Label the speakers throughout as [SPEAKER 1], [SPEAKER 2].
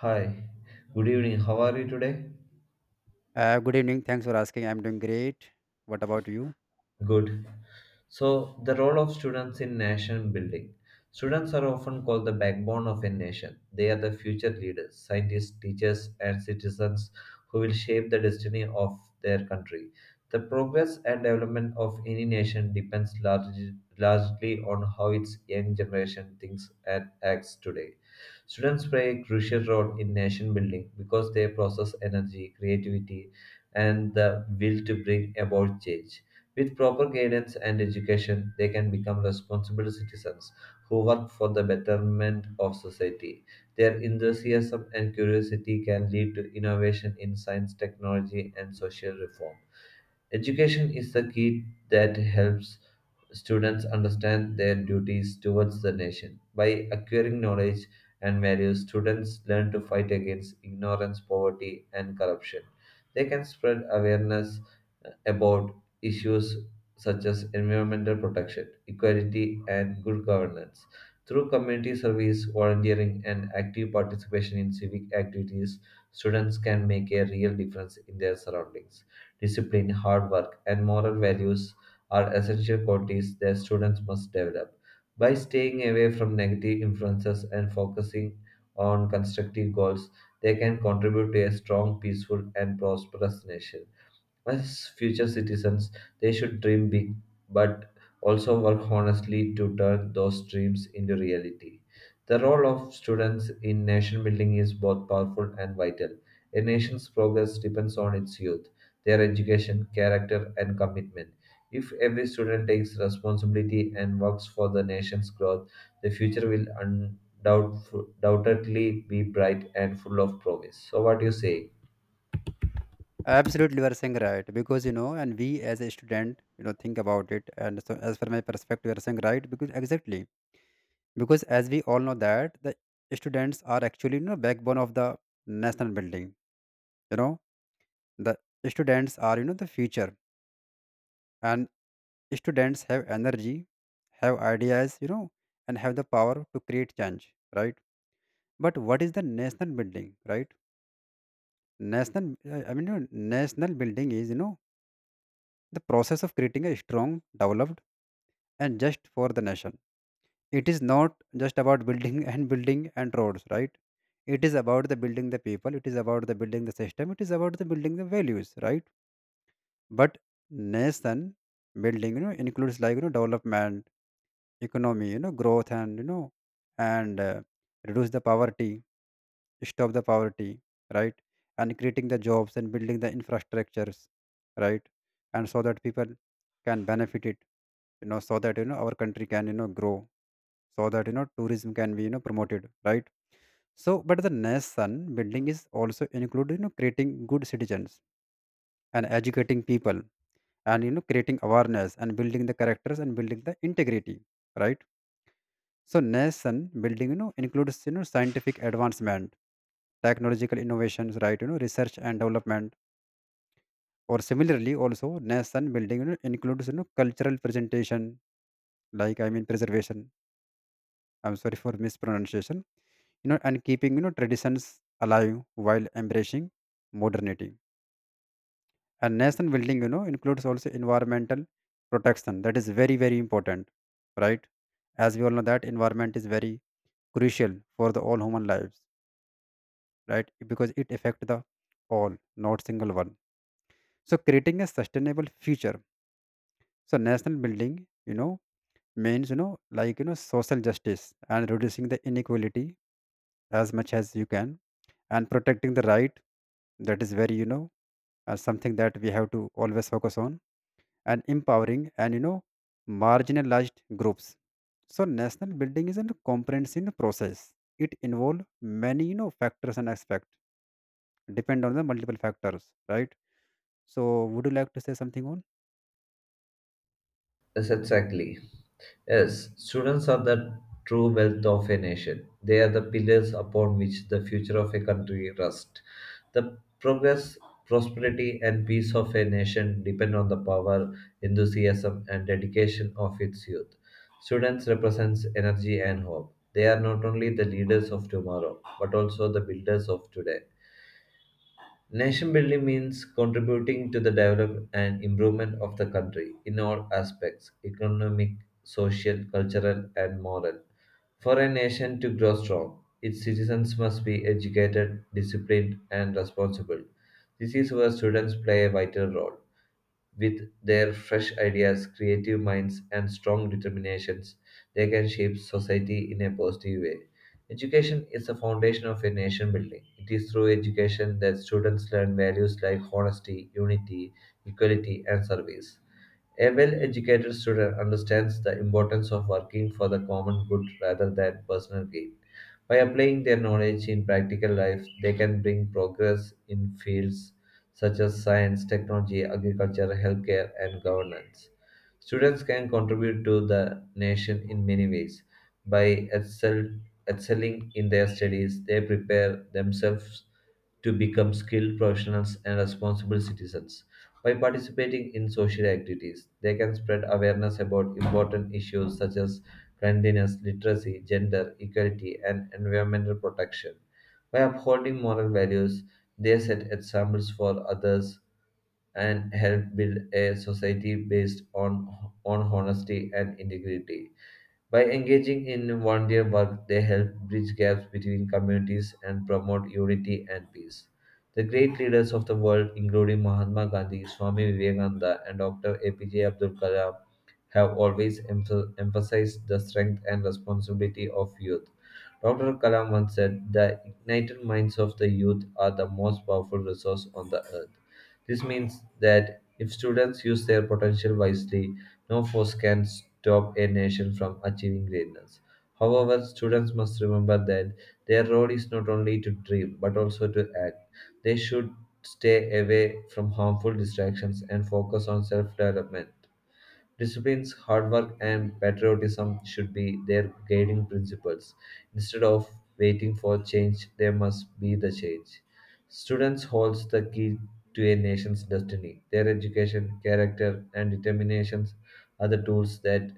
[SPEAKER 1] Hi, good evening. How are you today?
[SPEAKER 2] Good evening. Thanks for asking. I'm doing great. What about you?
[SPEAKER 1] Good. So, the role of students in nation building. Students are often called the backbone of a nation. They are the future leaders, scientists, teachers, and citizens who will shape the destiny of their country. The progress and development of any nation depends largely on how its young generation thinks and acts today. Students play a crucial role in nation building because they process energy, creativity, and the will to bring about change with proper guidance and education, they can become responsible citizens who work for the betterment of society. Their enthusiasm and curiosity can lead to innovation in science, technology, and social reform. Education is the key that helps students understand their duties towards the nation. By acquiring knowledge and values, students learn to fight against ignorance, poverty, and corruption. They can spread awareness about issues such as environmental protection, equality, and good governance. Through community service, volunteering, and active participation in civic activities, students can make a real difference in their surroundings discipline, hard work, and moral values are essential qualities that students must develop. By staying away from negative influences and focusing on constructive goals, they can contribute to a strong, peaceful, and prosperous nation. As future citizens, they should dream big but also work honestly to turn those dreams into reality. The role of students in nation building is both powerful and vital. A nation's progress depends on its youth, their education, character, and commitment. If every student takes responsibility and works for the nation's growth, the future will undoubtedly be bright and full of promise. So, what do you say?
[SPEAKER 2] Absolutely, you are saying right, because you know, and we as a student, think about it. And so, as per my perspective, you are saying right because exactly, because as we all know that the students are actually backbone of the national building. You know, the students are the future, and students have energy, have ideas, and have the power to create change, right? But what is the national building, right? I mean, national building is, the process of creating a strong, developed, and just for the nation. It is not just about building and building and roads, right? It is about the building the people, it is about the building the system, it is about the building the values, right? But nation building, includes like, development economy, growth and reduce the poverty, stop the poverty, right? And creating the jobs and building the infrastructures, right? And so that people can benefit it, so that, our country can, grow, so that, tourism can be, promoted, right? So, but the nation building is also include, creating good citizens and educating people and, creating awareness and building the characters and building the integrity, right? So nation building, includes scientific advancement, technological innovations, right? Research and development. Or similarly, also nation building, includes cultural presentation, like I mean preservation. I'm sorry for mispronunciation. You know, and keeping traditions alive while embracing modernity. And nation building, includes also environmental protection. That is very, very important, right? As we all know that environment is very crucial for the all human lives, right? Because it affect the all, not single one. So creating a sustainable future, so national building you know means like social justice and reducing the inequality as much as you can, and protecting the right. That is very, something that we have to always focus on, and empowering and marginalized groups. So national building is a comprehensive process, it involve many factors and aspect, depend on the multiple factors, right? So, would you like to say something on?
[SPEAKER 1] Yes, exactly. Yes, students are the true wealth of a nation. They are the pillars upon which the future of a country rests. The progress, prosperity, and peace of a nation depend on the power, enthusiasm, and dedication of its youth. Students represents energy and hope. They are not only the leaders of tomorrow, but also the builders of today. Nation building means contributing to the development and improvement of the country in all aspects economic, social, cultural, and moral. For a nation to grow strong, its citizens must be educated, disciplined, and responsible. This is where students play a vital role. With their fresh ideas, creative minds, and strong determinations, they can shape society in a positive way. Education is the foundation of a nation building. It is through education that students learn values like honesty, unity, equality, and service. A well educated student understands the importance of working for the common good rather than personal gain. By applying their knowledge in practical life, they can bring progress in fields such as science, technology, agriculture, healthcare, and governance. Students can contribute to the nation in many ways. By excel, excelling in their studies, they prepare themselves to become skilled professionals and responsible citizens. By participating in social activities, they can spread awareness about important issues such as cleanliness, literacy, gender equality, and environmental protection. By upholding moral values, they set examples for others and help build a society based on honesty and integrity. By engaging in volunteer work, they help bridge gaps between communities and promote unity and peace. The great leaders of the world, including Mahatma Gandhi, Swami Vivekananda, and Dr. APJ Abdul Kalam, have always emphasized the strength and responsibility of youth. Dr. Kalam once said, the ignited minds of the youth are the most powerful resource on the earth. This means that if students use their potential wisely, no force can stop a nation from achieving greatness. However, students must remember that their role is not only to dream but also to act. They should stay away from harmful distractions and focus on self development. Disciplines, hard work, and patriotism should be their guiding principles. Instead of waiting for change, there must be the change. Students holds the key to a nation's destiny. Their education, character, and determinations are the tools that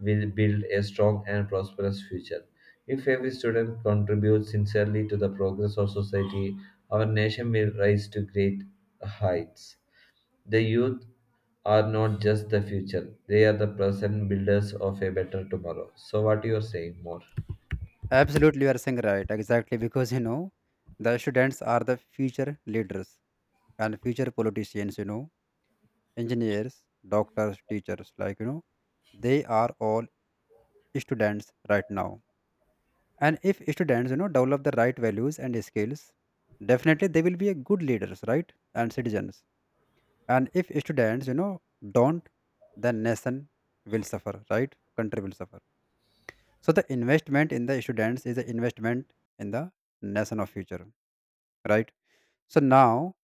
[SPEAKER 1] will build a strong and prosperous future. If every student contributes sincerely to the progress of society, our nation will rise to great heights. The youth are not just the future, they are the present builders of a better tomorrow. So, what you are saying more?
[SPEAKER 2] Absolutely, you are saying right. Exactly, because the students are the future leaders and future politicians. Engineers, doctors, teachers. Like, they are all students right now. And if students, develop the right values and skills, definitely they will be a good leaders, right, and citizens. And if students, don't, then nation will suffer, right? Country will suffer. So the investment in the students is an investment in the nation of future, right? So now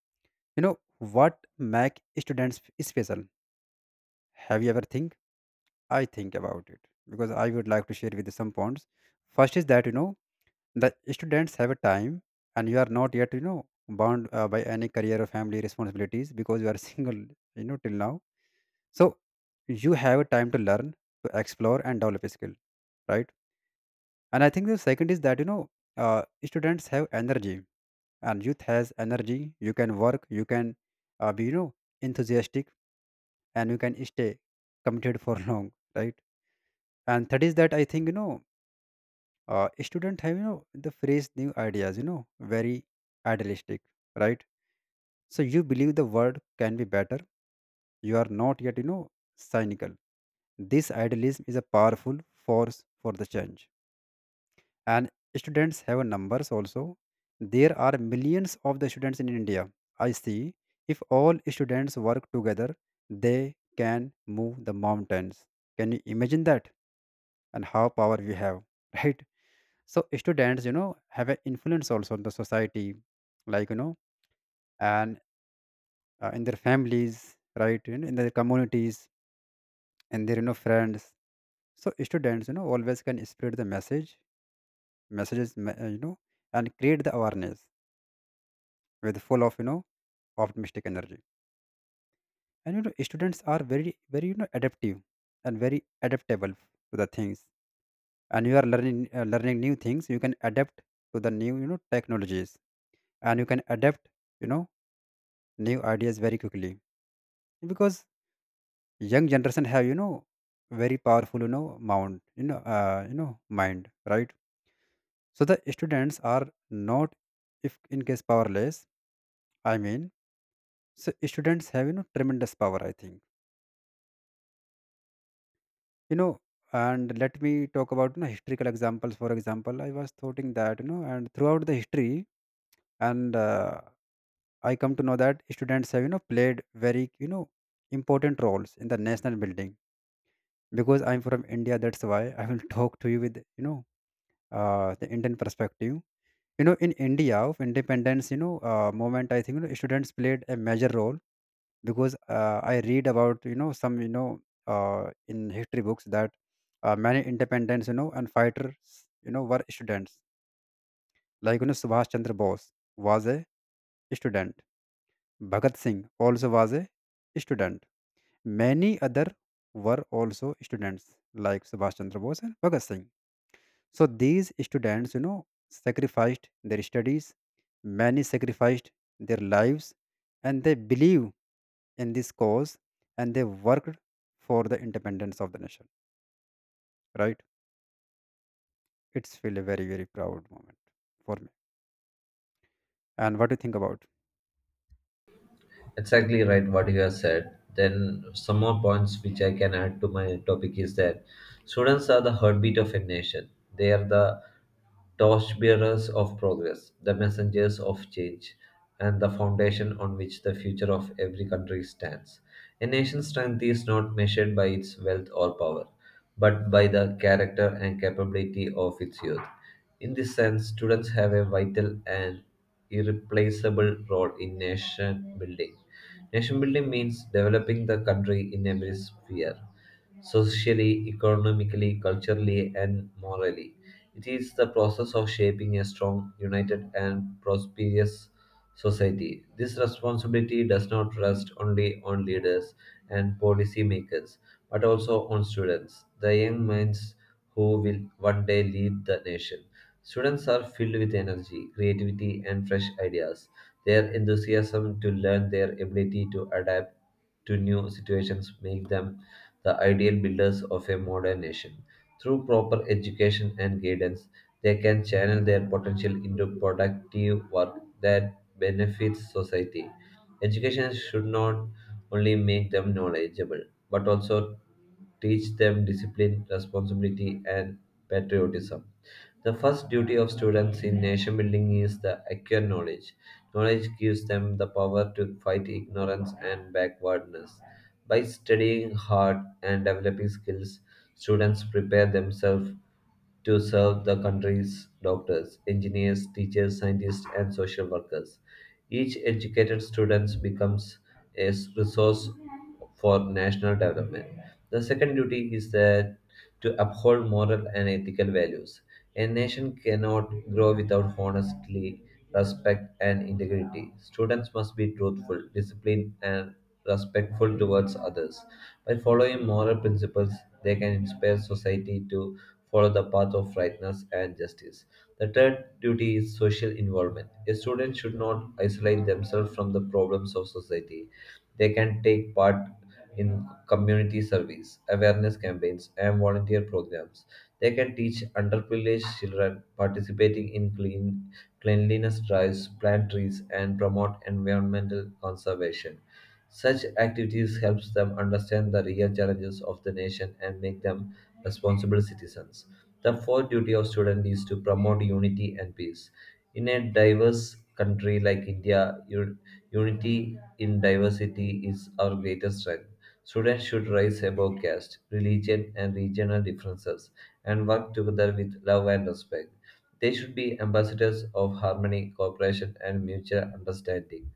[SPEAKER 2] you know what make students special. Have you ever think? I think about it, because I would like to share with you some points. First is that the students have a time, and you are not yet bound by any career or family responsibilities because you are single, till now. So you have a time to learn, to explore, and develop a skill, right? And I think the second is that uh, students have energy, and youth has energy. You can work, you can be enthusiastic, and you can stay committed for long, right? And third is that I think, student have the phrase new ideas, very idealistic, right? So you believe the world can be better, you are not yet cynical. This idealism is a powerful force for the change. And students have numbers also. There are millions of the students in India. I see. If all students work together, they can move the mountains. Can you imagine that? And how power we have, right? So students, have an influence also on the society, like you know, and in their families, right? In their communities, and their friends. So students, always can spread the message, messages, and create the awareness with full of optimistic energy. And students are very, very adaptive and very adaptable to the things. And you are learning new things. You can adapt to the new technologies, and you can adapt you know new ideas very quickly, because young generation have very powerful mind you know uh, you know mind, right? So the students are not, if in case, powerless, I mean. So students have tremendous power, I think. You know, and let me talk about, historical examples. For example, I was thinking that, you know, and throughout the history, and I come to know that students have played very important roles in the national building. Because I'm from India, that's why I will talk to you with the Indian perspective. In India of independence moment, I think students played a major role. Because I read about some, in history books, that many independents and fighters were students, like Subhash Chandra Bose was a student. Bhagat Singh also was a student. Many other were also students, like Subhash Chandra Bose and Bhagat Singh. So these students, sacrificed their studies, many sacrificed their lives, and they believe in this cause and they worked for the independence of the nation. Right? It's feel a very, very proud moment for me. And what do you think about?
[SPEAKER 1] Exactly right what you have said. Then some more points which I can add to my topic is that students are the heartbeat of a nation. They are the torchbearers of progress, the messengers of change, and the foundation on which the future of every country stands. A nation's strength is not measured by its wealth or power, but by the character and capability of its youth. In this sense, students have a vital and irreplaceable role in nation building. Nation building means developing the country in every sphere socially, economically, culturally, and morally. It is the process of shaping a strong, united, and prosperous society. This responsibility does not rest only on leaders and policy makers, but also on students, the young minds who will one day lead the nation. Students are filled with energy, creativity, and fresh ideas. Their enthusiasm to learn, their ability to adapt to new situations make them the ideal builders of a modern nation. Through proper education and guidance, they can channel their potential into productive work that benefits society. Education should not only make them knowledgeable, but also teach them discipline, responsibility, and patriotism. The first duty of students in nation building is the acquire knowledge. Knowledge gives them the power to fight ignorance and backwardness. By studying hard and developing skills, students prepare themselves to serve the country's doctors, engineers, teachers, scientists, and social workers. Each educated student becomes a resource for national development. The second duty is that to uphold moral and ethical values. A nation cannot grow without honesty, respect, and integrity. Students must be truthful, disciplined, and respectful towards others. By following moral principles, they can inspire society to follow the path of rightness and justice. The third duty is social involvement. A student should not isolate themselves from the problems of society. They can take part in community service, awareness campaigns, and volunteer programs. They can teach underprivileged children participating in cleanliness drives, plant trees, and promote environmental conservation. Such activities helps them understand the real challenges of the nation and make them responsible citizens. The fourth duty of student is to promote unity and peace. In a diverse country like India, unity in diversity is our greatest strength. Students should rise above caste, religion, and regional differences and work together with love and respect. They should be ambassadors of harmony, cooperation, and mutual understanding.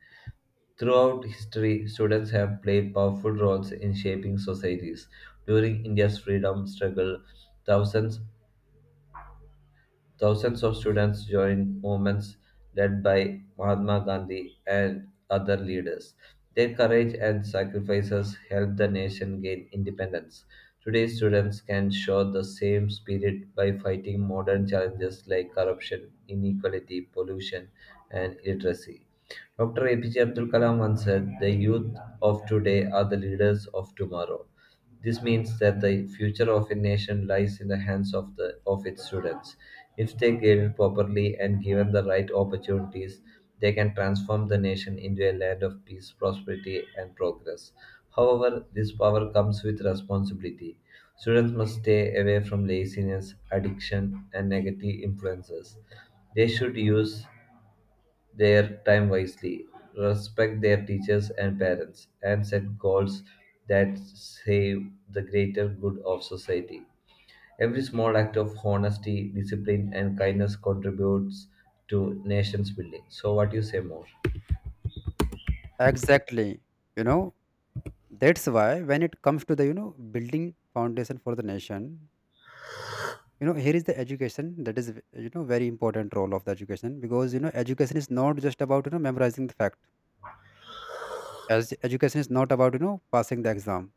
[SPEAKER 1] Throughout history, students have played powerful roles in shaping societies. During India's freedom struggle, thousands thousands of students joined movements led by Mahatma Gandhi and other leaders. Their courage and sacrifices helped the nation gain independence. Today, students can show the same spirit by fighting modern challenges like corruption, inequality, pollution, and illiteracy. Dr. APJ Abdul Kalam once said, the youth of today are the leaders of tomorrow. This means that the future of a nation lies in the hands of its students. If they given properly and given the right opportunities, they can transform the nation into a land of peace, prosperity, and progress. However, this power comes with responsibility. Students must stay away from laziness, addiction, and negative influences. They should use their time wisely, respect their teachers and parents, and set goals that save the greater good of society. Every small act of honesty, discipline, and kindness contributes to nation's building. So, what do you say more?
[SPEAKER 2] Exactly. You know, that's why, when it comes to the, building foundation for the nation, here is the education that is, very important role of the education, because, education is not just about, memorizing the fact, as education is not about passing the exam.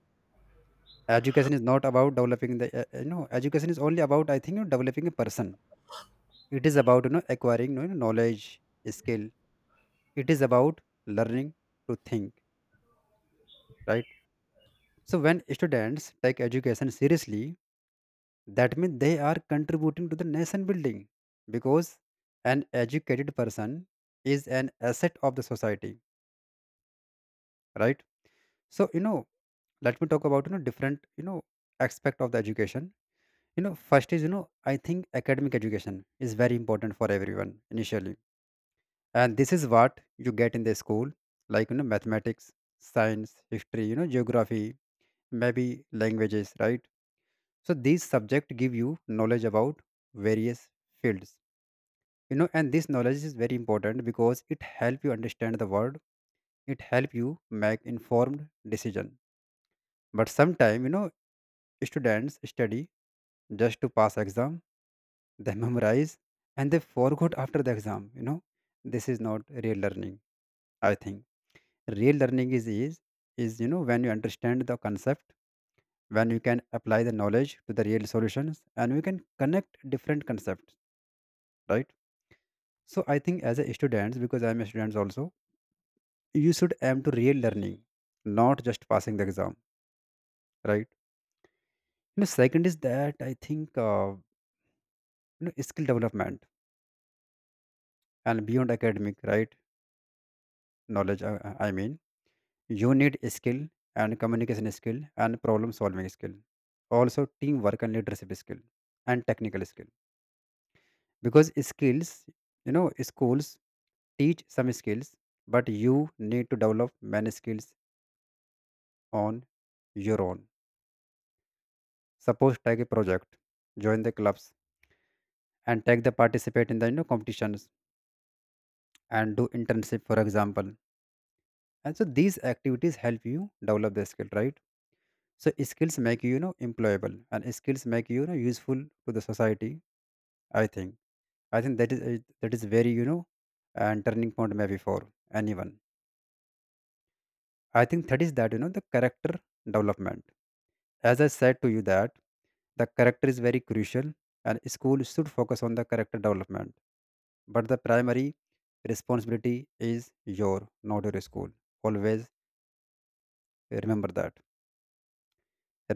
[SPEAKER 2] Education is not about developing the, education is only about, I think, developing a person. It is about acquiring, knowledge skill, it is about learning to think, right? So when students take education seriously, that means they are contributing to the nation building, because an educated person is an asset of the society, right? So you know let me talk about different aspect of the education. First is, I think academic education is very important for everyone initially. And this is what you get in the school, like, mathematics, science, history, geography, maybe languages, right? So these subjects give you knowledge about various fields, and this knowledge is very important because it help you understand the world, it help you make informed decision. But sometime, students study just to pass exam. They memorize and they forgot after the exam. This is not real learning. I think real learning is when you understand the concept, when you can apply the knowledge to the real solutions, and we can connect different concepts, right? So I think as a student, because I'm a student also, you should aim to real learning, not just passing the exam, right? Second is that I think, skill development and beyond academic, right? I mean, you need skill and communication skill and problem solving skill. Also teamwork and leadership skill and technical skill. Because skills, schools teach some skills, but you need to develop many skills on your own. Suppose take a project, join the clubs and take the participate in the competitions and do internship for example. And so these activities help you develop the skill, right? So skills make you, you know employable, and skills make you, you know useful to the society, I think. I think that is very, you know, and turning point maybe for anyone. I think that is that, the character development. As I said to you that the character is very crucial, and school should focus on the character development. But the primary responsibility is your, not your school. Always remember that.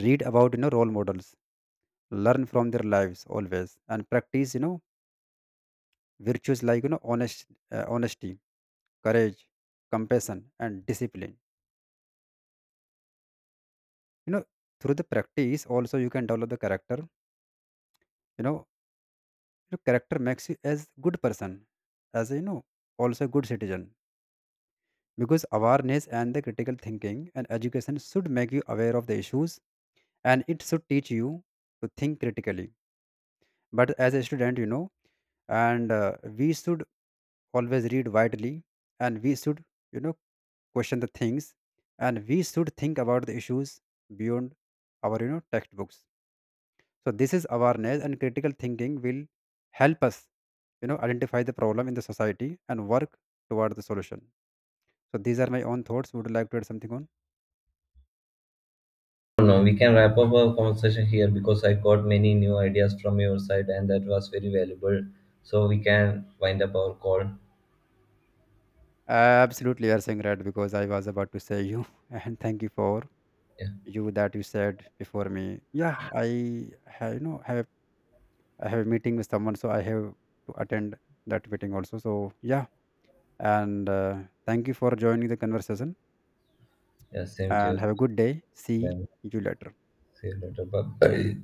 [SPEAKER 2] Read about role models, learn from their lives always, and practice virtues like honesty, courage, compassion, and discipline. You know, through the practice, also you can develop the character. You know, your character makes you as good person, as, also a good citizen. Because awareness and the critical thinking and education should make you aware of the issues, and it should teach you to think critically. But as a student, you know, and we should always read widely, and we should, you know, question the things, and we should think about the issues beyond our, textbooks. So this is awareness and critical thinking will help us, identify the problem in the society and work toward the solution. So these are my own thoughts. Would you like to add something on?
[SPEAKER 1] No, we can wrap up our conversation here because I got many new ideas from your side, and that was very valuable. So we can wind up our call.
[SPEAKER 2] Absolutely, you are saying right, because I was about to say you and thank you for
[SPEAKER 1] Yeah,
[SPEAKER 2] you that you said before me. Yeah, I have you know have I have a meeting with someone, so I have to attend that meeting also. So yeah, and thank you for joining the conversation,
[SPEAKER 1] yeah, same to
[SPEAKER 2] and
[SPEAKER 1] you.
[SPEAKER 2] have a good day. See
[SPEAKER 1] Then
[SPEAKER 2] you later.
[SPEAKER 1] see you later. Bye. Bye.